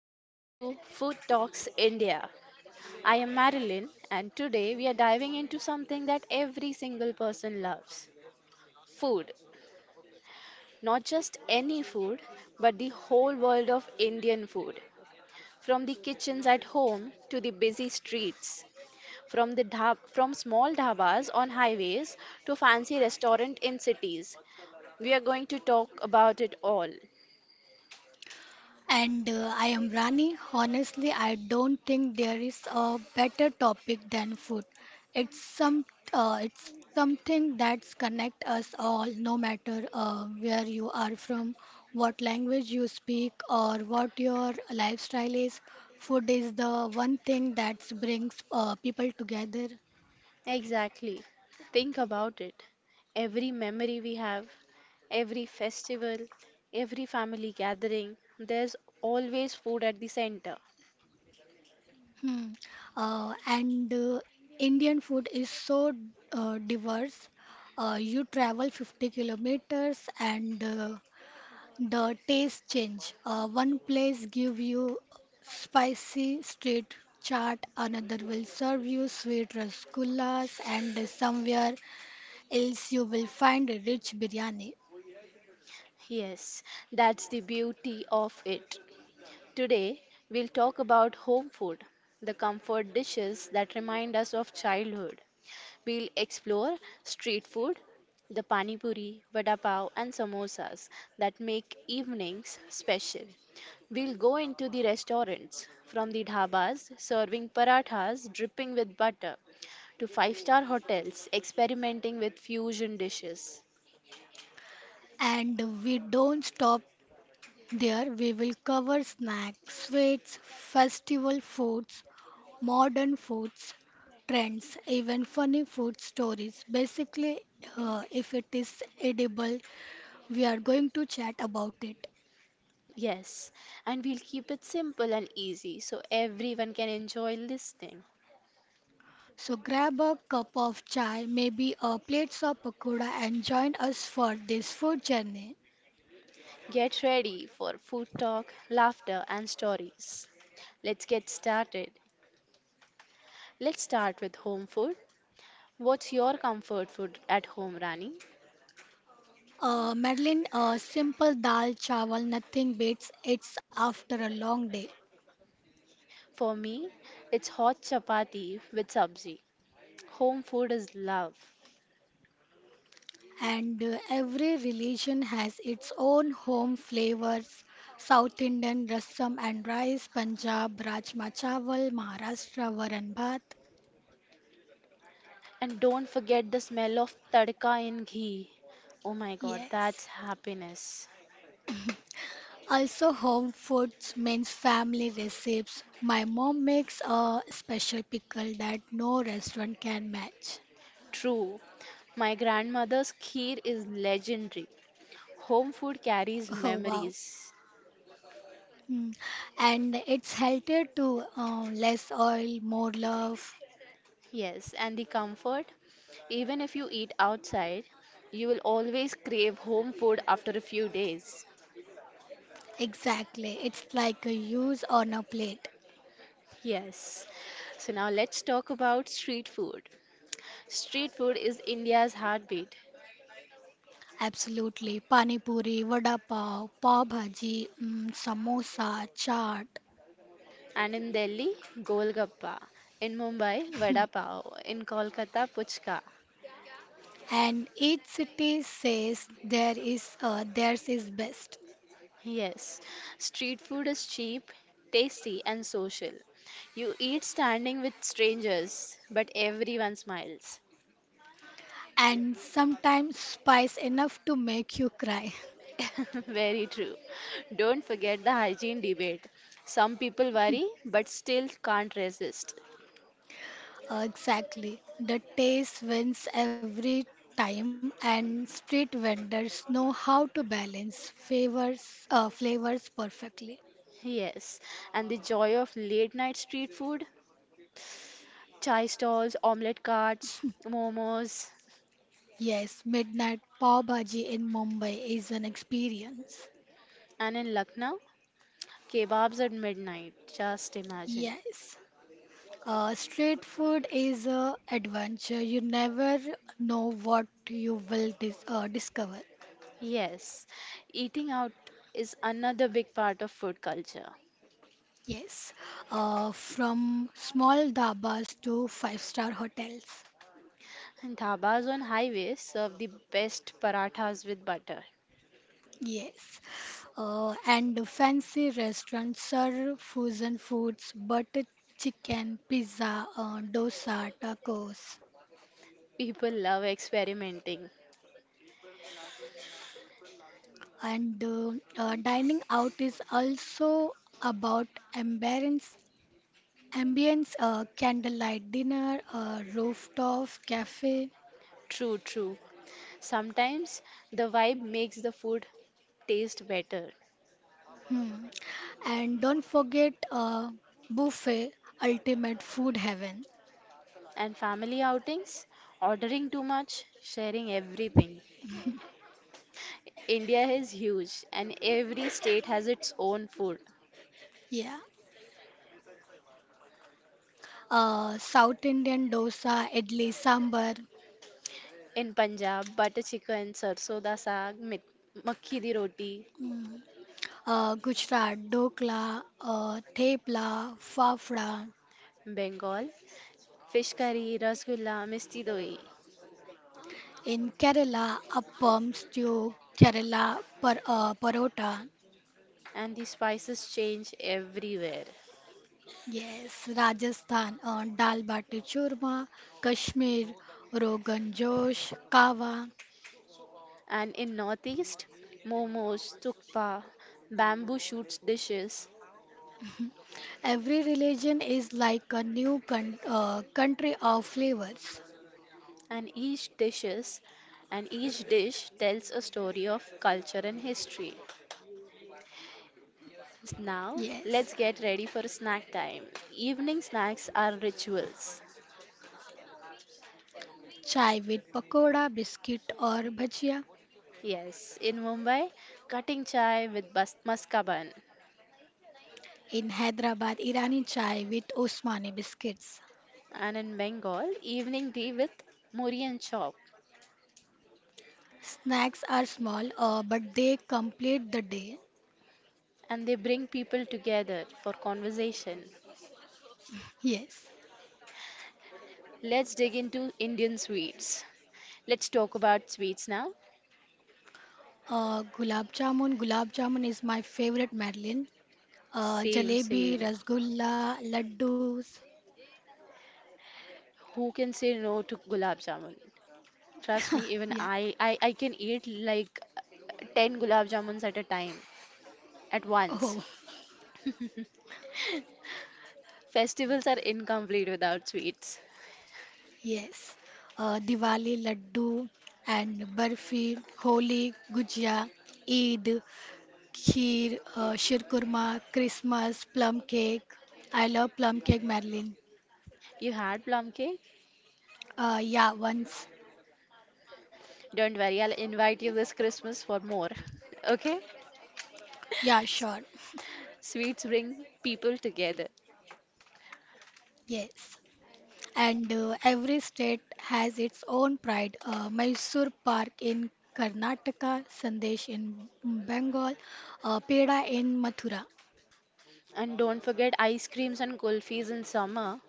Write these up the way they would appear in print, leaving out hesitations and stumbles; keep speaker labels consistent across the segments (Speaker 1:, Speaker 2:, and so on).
Speaker 1: Welcome to Food Talks India. I am Marilyn and today we are diving into something that every single person loves. Food. Not just any food, but the whole world of Indian food. From the kitchens at home, to the busy streets, from small dhabas on highways to fancy restaurant in cities. We are going to talk about it all.
Speaker 2: And I am Rani. Honestly, I don't think there is a better topic than food. It's some it's something that's connect us all, no matter where you are from, what language you speak, or what your lifestyle is. Food is the one thing that brings people together.
Speaker 1: Exactly. Think about it. Every memory we have, every festival, every family gathering, there's always food at the center.
Speaker 2: Hmm. And Indian food is so diverse. You travel 50 kilometers and the taste change. One place give you spicy street chaat, another will serve you sweet rasgullas, and somewhere else you will find rich biryani.
Speaker 1: Yes, that's the beauty of it. Today, we'll talk about home food, the comfort dishes that remind us of childhood. We'll explore street food, the pani puri, vada pav, and samosas that make evenings special. We'll go into the restaurants, from the dhabas serving parathas dripping with butter to five-star hotels experimenting with fusion dishes.
Speaker 2: And we don't stop there. We will cover snacks, sweets, festival foods, modern foods, trends, even funny food stories. Basically, if it is edible, we are going to chat about it.
Speaker 1: Yes, and we'll keep it simple and easy so everyone can enjoy listening.
Speaker 2: So grab a cup of chai, maybe a plate of pakoda, and join us for this food journey.
Speaker 1: Get ready for food talk, laughter, and stories. Let's get started. Let's start with home food. What's your comfort food at home, Rani?
Speaker 2: Madeline, a simple dal chawal, nothing beats. It's after a long day.
Speaker 1: For me, it's hot chapati with sabzi. Home food is love.
Speaker 2: And every religion has its own home flavors. South Indian rasam and rice, Punjab rajma chawal, Maharashtra varan bhat.
Speaker 1: And don't forget the smell of tadka in ghee. Oh my god,
Speaker 2: Yes.
Speaker 1: that's happiness.
Speaker 2: Also, home foods means family recipes. My mom makes a special pickle that no restaurant can match.
Speaker 1: True. My grandmother's kheer is legendary. Home food carries
Speaker 2: Oh wow.
Speaker 1: memories.
Speaker 2: Mm. And it's healthier to less oil, more love.
Speaker 1: Yes, and the comfort, even if you eat outside, you will always crave home food after a few days.
Speaker 2: Exactly. It's like a use on a plate.
Speaker 1: Yes. So now let's talk about street food. Street food is India's heartbeat.
Speaker 2: Absolutely. Pani puri, vada pav, pav bhaji, samosa, chaat,
Speaker 1: And in Delhi, Golgappa. In Mumbai, Vada Pav. In Kolkata, Puchka.
Speaker 2: and each city says there is theirs is best,
Speaker 1: Yes. Street food is cheap, tasty, and social. You eat standing with strangers, but everyone smiles.
Speaker 2: and sometimes spice enough to make you cry.
Speaker 1: Very true. Don't forget the hygiene debate. Some people worry, but still can't resist.
Speaker 2: Exactly. The taste wins every time, and street vendors know how to balance favors flavors perfectly.
Speaker 1: Yes, and the joy of late night street food, chai stalls, omelette carts, momos,
Speaker 2: Yes, midnight pav bhaji in Mumbai is an experience.
Speaker 1: and in Lucknow, kebabs at midnight. Just imagine.
Speaker 2: Yes. Street food is a adventure. You never know what you will discover.
Speaker 1: Yes, eating out is another big part of food culture.
Speaker 2: Yes, from small dabas to five-star hotels.
Speaker 1: And dhabas on highways serve the best parathas with butter.
Speaker 2: Yes, and fancy restaurants serve fusion foods, butter chicken, pizza, dosa, tacos.
Speaker 1: People love experimenting.
Speaker 2: And dining out is also about ambience Ambience, candlelight dinner, rooftop cafe,
Speaker 1: True, true. Sometimes the vibe makes the food taste better.
Speaker 2: hmm. And don't forget buffet, ultimate food heaven.
Speaker 1: And family outings, ordering too much, sharing everything. India is huge and every state has its own food.
Speaker 2: Yeah. South Indian dosa, idli, sambar.
Speaker 1: In Punjab, butter chicken, sarson da saag, makhi di roti.
Speaker 2: Mm. Gujarat, dokla, thepla, fafda.
Speaker 1: Bengal, fish curry, rasgulla, misti doi.
Speaker 2: In Kerala, appam, stew, Kerala parota.
Speaker 1: And the spices change everywhere.
Speaker 2: Yes, Rajasthan, dal bati churma, Kashmir, Rogan Josh, Kawa.
Speaker 1: And in Northeast, momos, tukpa, bamboo shoots dishes,
Speaker 2: Every religion is like a new country of flavors.
Speaker 1: and each dish tells a story of culture and history.
Speaker 2: Yes,
Speaker 1: Now, let's get ready for snack time. Evening snacks are rituals.
Speaker 2: chai with pakoda, biscuit or bhajia.
Speaker 1: Yes, in Mumbai, cutting chai with maskaban,
Speaker 2: In Hyderabad, Irani chai with Osmani biscuits.
Speaker 1: and in Bengal, evening tea with muri and chop,
Speaker 2: Snacks are small, but they complete the day.
Speaker 1: and they bring people together for conversation.
Speaker 2: Yes.
Speaker 1: Let's dig into Indian sweets. Let's talk about sweets now.
Speaker 2: Gulab jamun. Gulab jamun is my favorite, Madeline.
Speaker 1: Same,
Speaker 2: Jalebi,
Speaker 1: same.
Speaker 2: rasgulla, laddus.
Speaker 1: Who can say no to gulab jamun? Trust me, even
Speaker 2: Yeah.
Speaker 1: I can eat like 10 gulab jamuns at a time, at once.
Speaker 2: Oh,
Speaker 1: Festivals are incomplete without sweets.
Speaker 2: yes. Diwali laddu and barfi, Holi, gujia, Eid, kheer, shirkurma, Christmas, plum cake. I love plum cake, Marilyn.
Speaker 1: You had plum cake?
Speaker 2: Yeah, once.
Speaker 1: Don't worry, I'll invite you this Christmas for more. Okay?
Speaker 2: Yeah, sure.
Speaker 1: Sweets bring people together.
Speaker 2: Yes. And every state has its own pride. Mysore Park in Karnataka, Sandesh in Bengal, Peda in Mathura.
Speaker 1: And don't forget ice creams and kulfis in summer.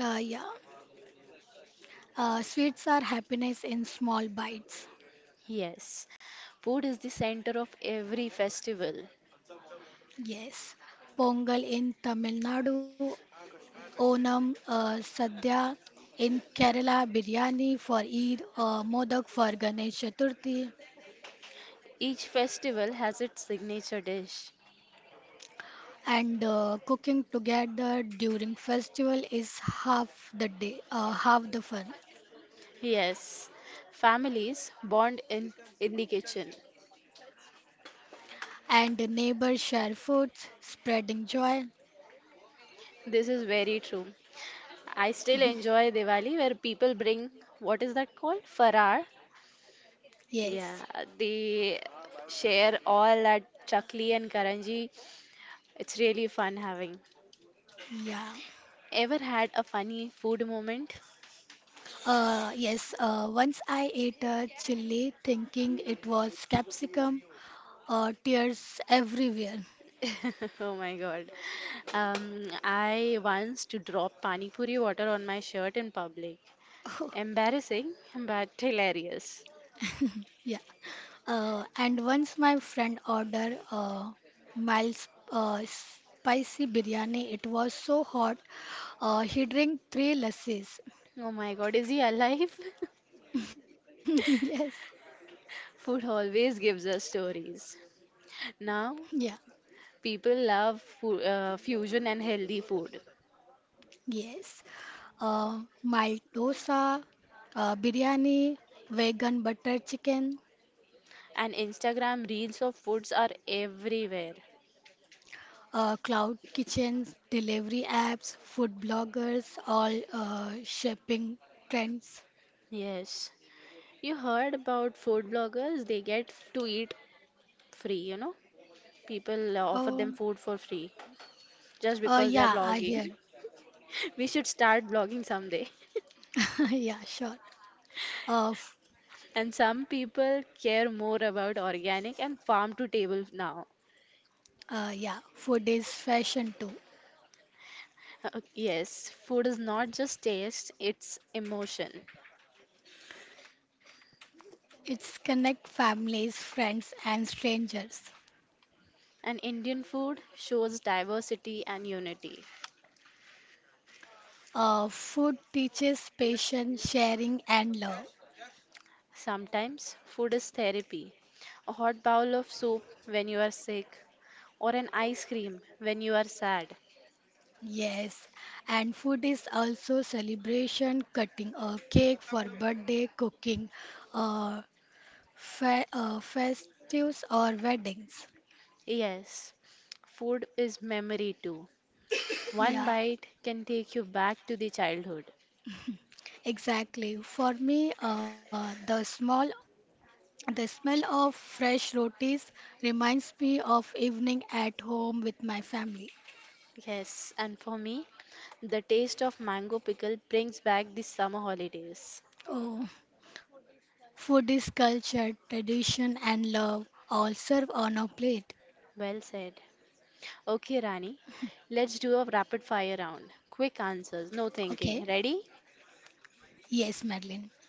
Speaker 2: Yeah. Sweets are happiness in small bites.
Speaker 1: Yes, food is the center of every festival.
Speaker 2: Yes. Pongal in Tamil Nadu, Onam, Sadhya in Kerala, Biryani for Eid, Modak for Ganesh Chaturthi.
Speaker 1: Each festival has its signature dish.
Speaker 2: And cooking together during festival is half the fun.
Speaker 1: Yes, families bond in the kitchen.
Speaker 2: And the neighbors share foods spreading joy.
Speaker 1: This is very true. I still enjoy Diwali where people bring, what is that called? Farar.
Speaker 2: Yes.
Speaker 1: Yeah, they share all that chakli and karanji. It's really fun having.
Speaker 2: Yeah.
Speaker 1: Ever had a funny food moment?
Speaker 2: Yes, once I ate a chili thinking it was capsicum. Tears everywhere.
Speaker 1: Oh my God. I once to drop pani puri water on my shirt in public. Embarrassing, but hilarious.
Speaker 2: Yeah. And once my friend ordered Miles spicy biryani, it was so hot. He drank three lassis.
Speaker 1: Oh my God, is he alive?
Speaker 2: Yes,
Speaker 1: Food always gives us stories. Now,
Speaker 2: yeah,
Speaker 1: people love fusion and healthy food,
Speaker 2: yes. Mild dosa, biryani, vegan butter chicken,
Speaker 1: and Instagram reels of foods are everywhere.
Speaker 2: cloud kitchens, delivery apps, food bloggers, all shaping trends.
Speaker 1: Yes, you heard about food bloggers, they get to eat free. People offer
Speaker 2: Uh,
Speaker 1: them food for free just because they are
Speaker 2: yeah, I
Speaker 1: blogging.
Speaker 2: hear.
Speaker 1: We should start blogging someday.
Speaker 2: Yeah, sure. Uh,
Speaker 1: And some people care more about organic and farm to table now.
Speaker 2: Yeah, food is fashion too.
Speaker 1: Yes, food is not just taste, it's emotion.
Speaker 2: It's connect families, friends, and strangers.
Speaker 1: And Indian food shows diversity and unity.
Speaker 2: Food teaches patience, sharing, and love.
Speaker 1: Sometimes food is therapy. A hot bowl of soup when you are sick, or an ice cream when you are sad.
Speaker 2: Yes, and food is also celebration, cutting a cake for birthday, cooking, uh, fe festives or weddings.
Speaker 1: Yes, food is memory too. One
Speaker 2: Yeah,
Speaker 1: bite can take you back to the childhood.
Speaker 2: exactly. For me, the smell of fresh rotis reminds me of evening at home with my family.
Speaker 1: Yes, and for me, the taste of mango pickle brings back the summer holidays.
Speaker 2: Oh, food is culture, tradition, and love all served on a plate.
Speaker 1: Well said. Okay, Rani, let's do a rapid fire round. Quick answers, no thinking.
Speaker 2: Okay.
Speaker 1: Ready?
Speaker 2: Yes, Madeline.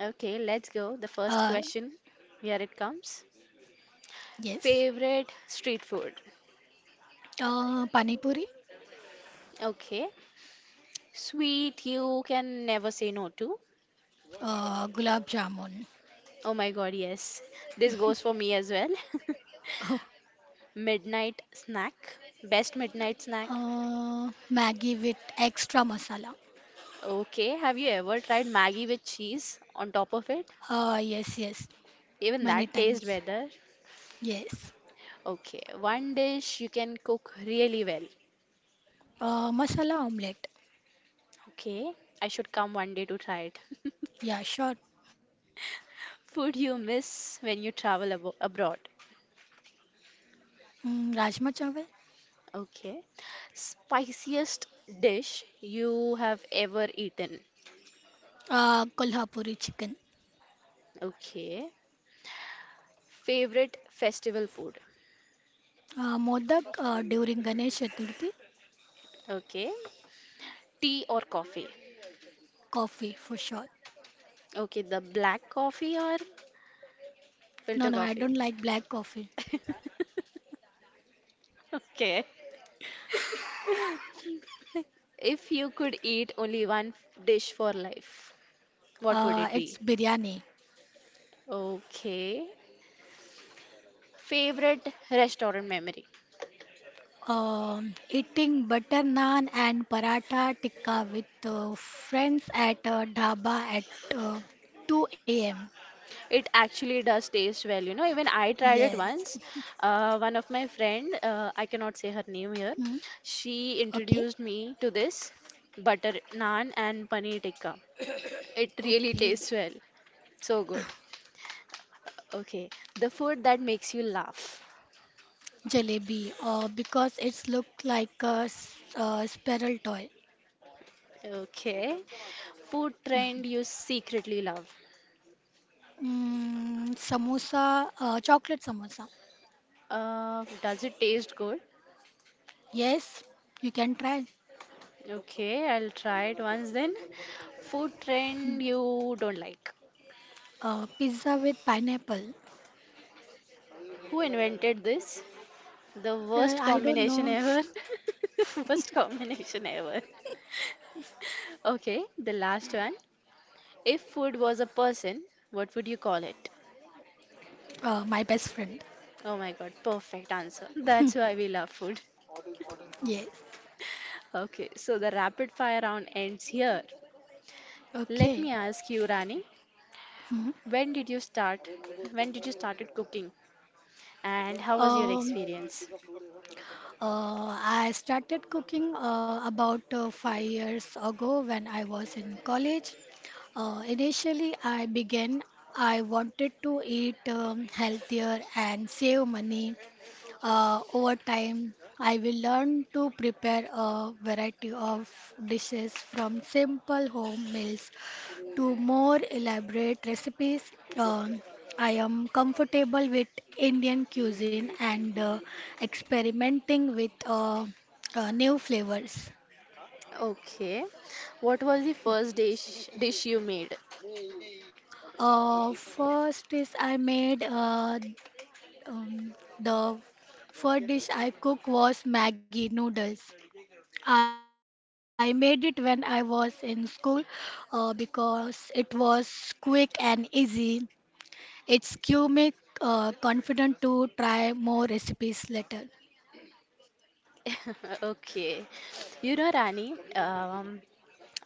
Speaker 1: Okay, let's go. The first
Speaker 2: Uh,
Speaker 1: question, here it comes.
Speaker 2: yes.
Speaker 1: Favorite street food.
Speaker 2: Pani puri.
Speaker 1: Okay. Sweet, you can never say no to.
Speaker 2: Gulab jamun.
Speaker 1: Oh my God, yes. This goes for me as well.
Speaker 2: Oh,
Speaker 1: Midnight snack. Best midnight snack.
Speaker 2: Maggie with extra masala.
Speaker 1: Okay. Have you ever tried Maggie with cheese on top of it?
Speaker 2: Yes, yes.
Speaker 1: Even
Speaker 2: Many
Speaker 1: that tastes
Speaker 2: times.
Speaker 1: better.
Speaker 2: Yes.
Speaker 1: Okay. One dish you can cook really well.
Speaker 2: Masala omelette.
Speaker 1: Okay. I should come one day to try it.
Speaker 2: Yeah, sure.
Speaker 1: Food you miss when you travel abo abroad.
Speaker 2: Rajma chawal.
Speaker 1: Okay. Spiciest dish you have ever eaten.
Speaker 2: Kolhapuri chicken.
Speaker 1: Okay. Favorite festival food.
Speaker 2: Modak during Ganesh Chaturthi.
Speaker 1: Okay. Tea or coffee?
Speaker 2: Coffee for sure.
Speaker 1: Okay, the black coffee or
Speaker 2: No,
Speaker 1: filter
Speaker 2: no, I don't
Speaker 1: coffee?
Speaker 2: like black coffee.
Speaker 1: Okay. If you could eat only one dish for life, what would it be?
Speaker 2: It's biryani.
Speaker 1: Okay. Favorite restaurant memory.
Speaker 2: Eating butter naan and paratha tikka with friends at dhaba at uh, 2 a.m.
Speaker 1: It actually does taste well, you know. Even I
Speaker 2: Yes.
Speaker 1: tried it once. One of my friend, I cannot say her name here,
Speaker 2: Hmm.
Speaker 1: she
Speaker 2: Okay.
Speaker 1: introduced me to this butter naan and paneer tikka. It really
Speaker 2: Okay.
Speaker 1: tastes well. So good. Okay, the food that makes you laugh.
Speaker 2: Jalebi. Because it's look like a sparrow toy.
Speaker 1: Okay, food trend you secretly love.
Speaker 2: Chocolate samosa.
Speaker 1: Does it taste good?
Speaker 2: Yes, you can try.
Speaker 1: Okay, I'll try it once then. Food
Speaker 2: Hmm.
Speaker 1: trend you don't like.
Speaker 2: Pizza with pineapple.
Speaker 1: Who invented this? The worst
Speaker 2: I don't
Speaker 1: combination
Speaker 2: know.
Speaker 1: ever. Worst combination ever. Okay, the last one. If food was a person, what would you call it?
Speaker 2: My best friend.
Speaker 1: Oh my god, perfect answer. That's why we love food.
Speaker 2: Yes.
Speaker 1: Okay, so the rapid fire round ends here. Let
Speaker 2: Okay.
Speaker 1: me ask you, Rani,
Speaker 2: Hmm.
Speaker 1: when did you start? When did you started cooking? And how was your
Speaker 2: Um,
Speaker 1: experience?
Speaker 2: I started cooking about 5 years ago when I was in college. Initially, I began. I wanted to eat healthier and save money. Over time, I will learn to prepare a variety of dishes from simple home meals to more elaborate recipes. Um, I am comfortable with Indian cuisine and experimenting with new flavors.
Speaker 1: Okay. What was the first dish you made?
Speaker 2: First is I made the first dish I cooked was Maggie noodles. I made it when I was in school because it was quick and easy. It's give me confident to try more recipes later.
Speaker 1: Okay. You know, Rani,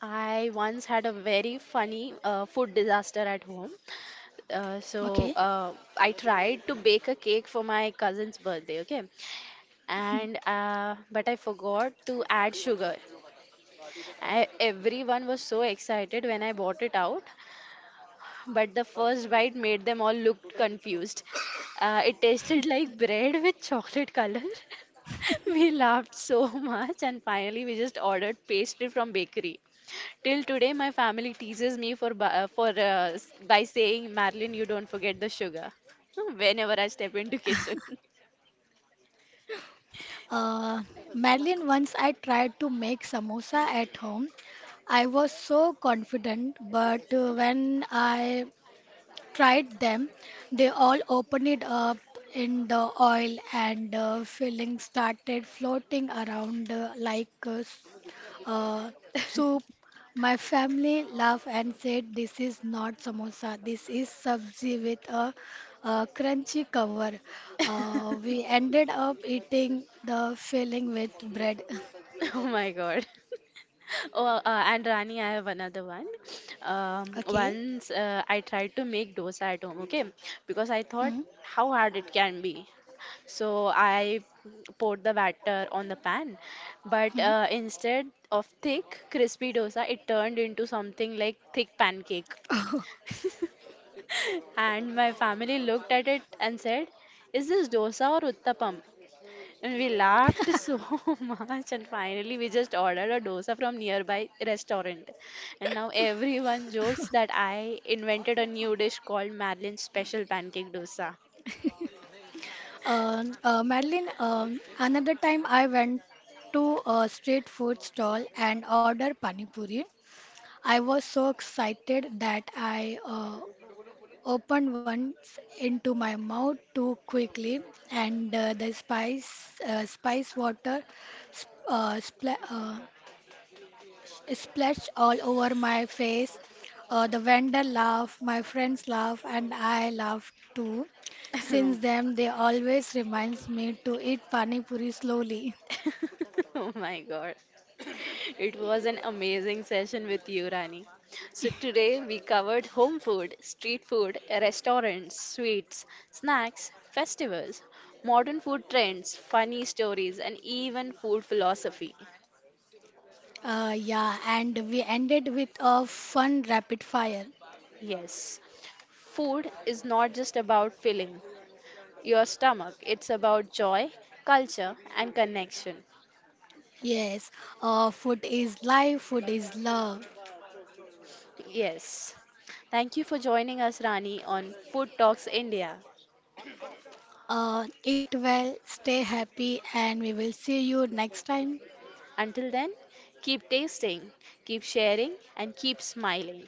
Speaker 1: I once had a very funny food disaster at home. Uh, so
Speaker 2: Okay.
Speaker 1: uh, I tried to bake a cake for my cousin's birthday, okay? And but I forgot to add sugar. Everyone was so excited when I brought it out, but the first bite made them all look confused. It tasted like bread with chocolate color. We laughed so much and finally we just ordered pastry from bakery. Till today my family teases me for by saying, Marilyn you don't forget the sugar whenever I step into kitchen.
Speaker 2: Uh, Madeline, once I tried to make samosa at home, I was so confident, but when I tried them, they all opened it up in the oil and filling started floating around, like, Uh, so my family laughed and said, "This is not samosa. This is sabzi with a, crunchy cover." We ended up eating the filling with bread.
Speaker 1: Oh my God. Oh, and Rani, I have another one. Um,
Speaker 2: Okay.
Speaker 1: once uh, I tried to make dosa at home, okay? Because I thought
Speaker 2: Hmm.
Speaker 1: how hard it can be. So I poured the batter on the pan, but
Speaker 2: Hmm.
Speaker 1: instead of thick crispy dosa, it turned into something like thick pancake. And my family looked at it and said, "Is this dosa or uttapam?" And we laughed so much. And finally, we just ordered a dosa from nearby restaurant. And now everyone jokes that I invented a new dish called Madeline's Special Pancake Dosa.
Speaker 2: Madeline, another time I went to a street food stall and ordered pani puri. I was so excited that I opened once into my mouth too quickly, and the spice water sp- uh, spla- uh, splashed all over my face. The vendor laughed, my friends laughed, and I laughed too. Since then, they always reminds me to eat pani puri slowly.
Speaker 1: Oh my God. It was an amazing session with you, Rani. So, today we covered home food, street food, restaurants, sweets, snacks, festivals, modern food trends, funny stories, and even food philosophy.
Speaker 2: Yeah, and we ended with a fun rapid fire.
Speaker 1: Yes, food is not just about filling your stomach, it's about joy, culture, and connection.
Speaker 2: Yes, food is life, food is love.
Speaker 1: Yes. Thank you for joining us, Rani, on Food Talks India.
Speaker 2: Eat well, stay happy, and we will see you next time.
Speaker 1: Until then, keep tasting, keep sharing, and keep smiling.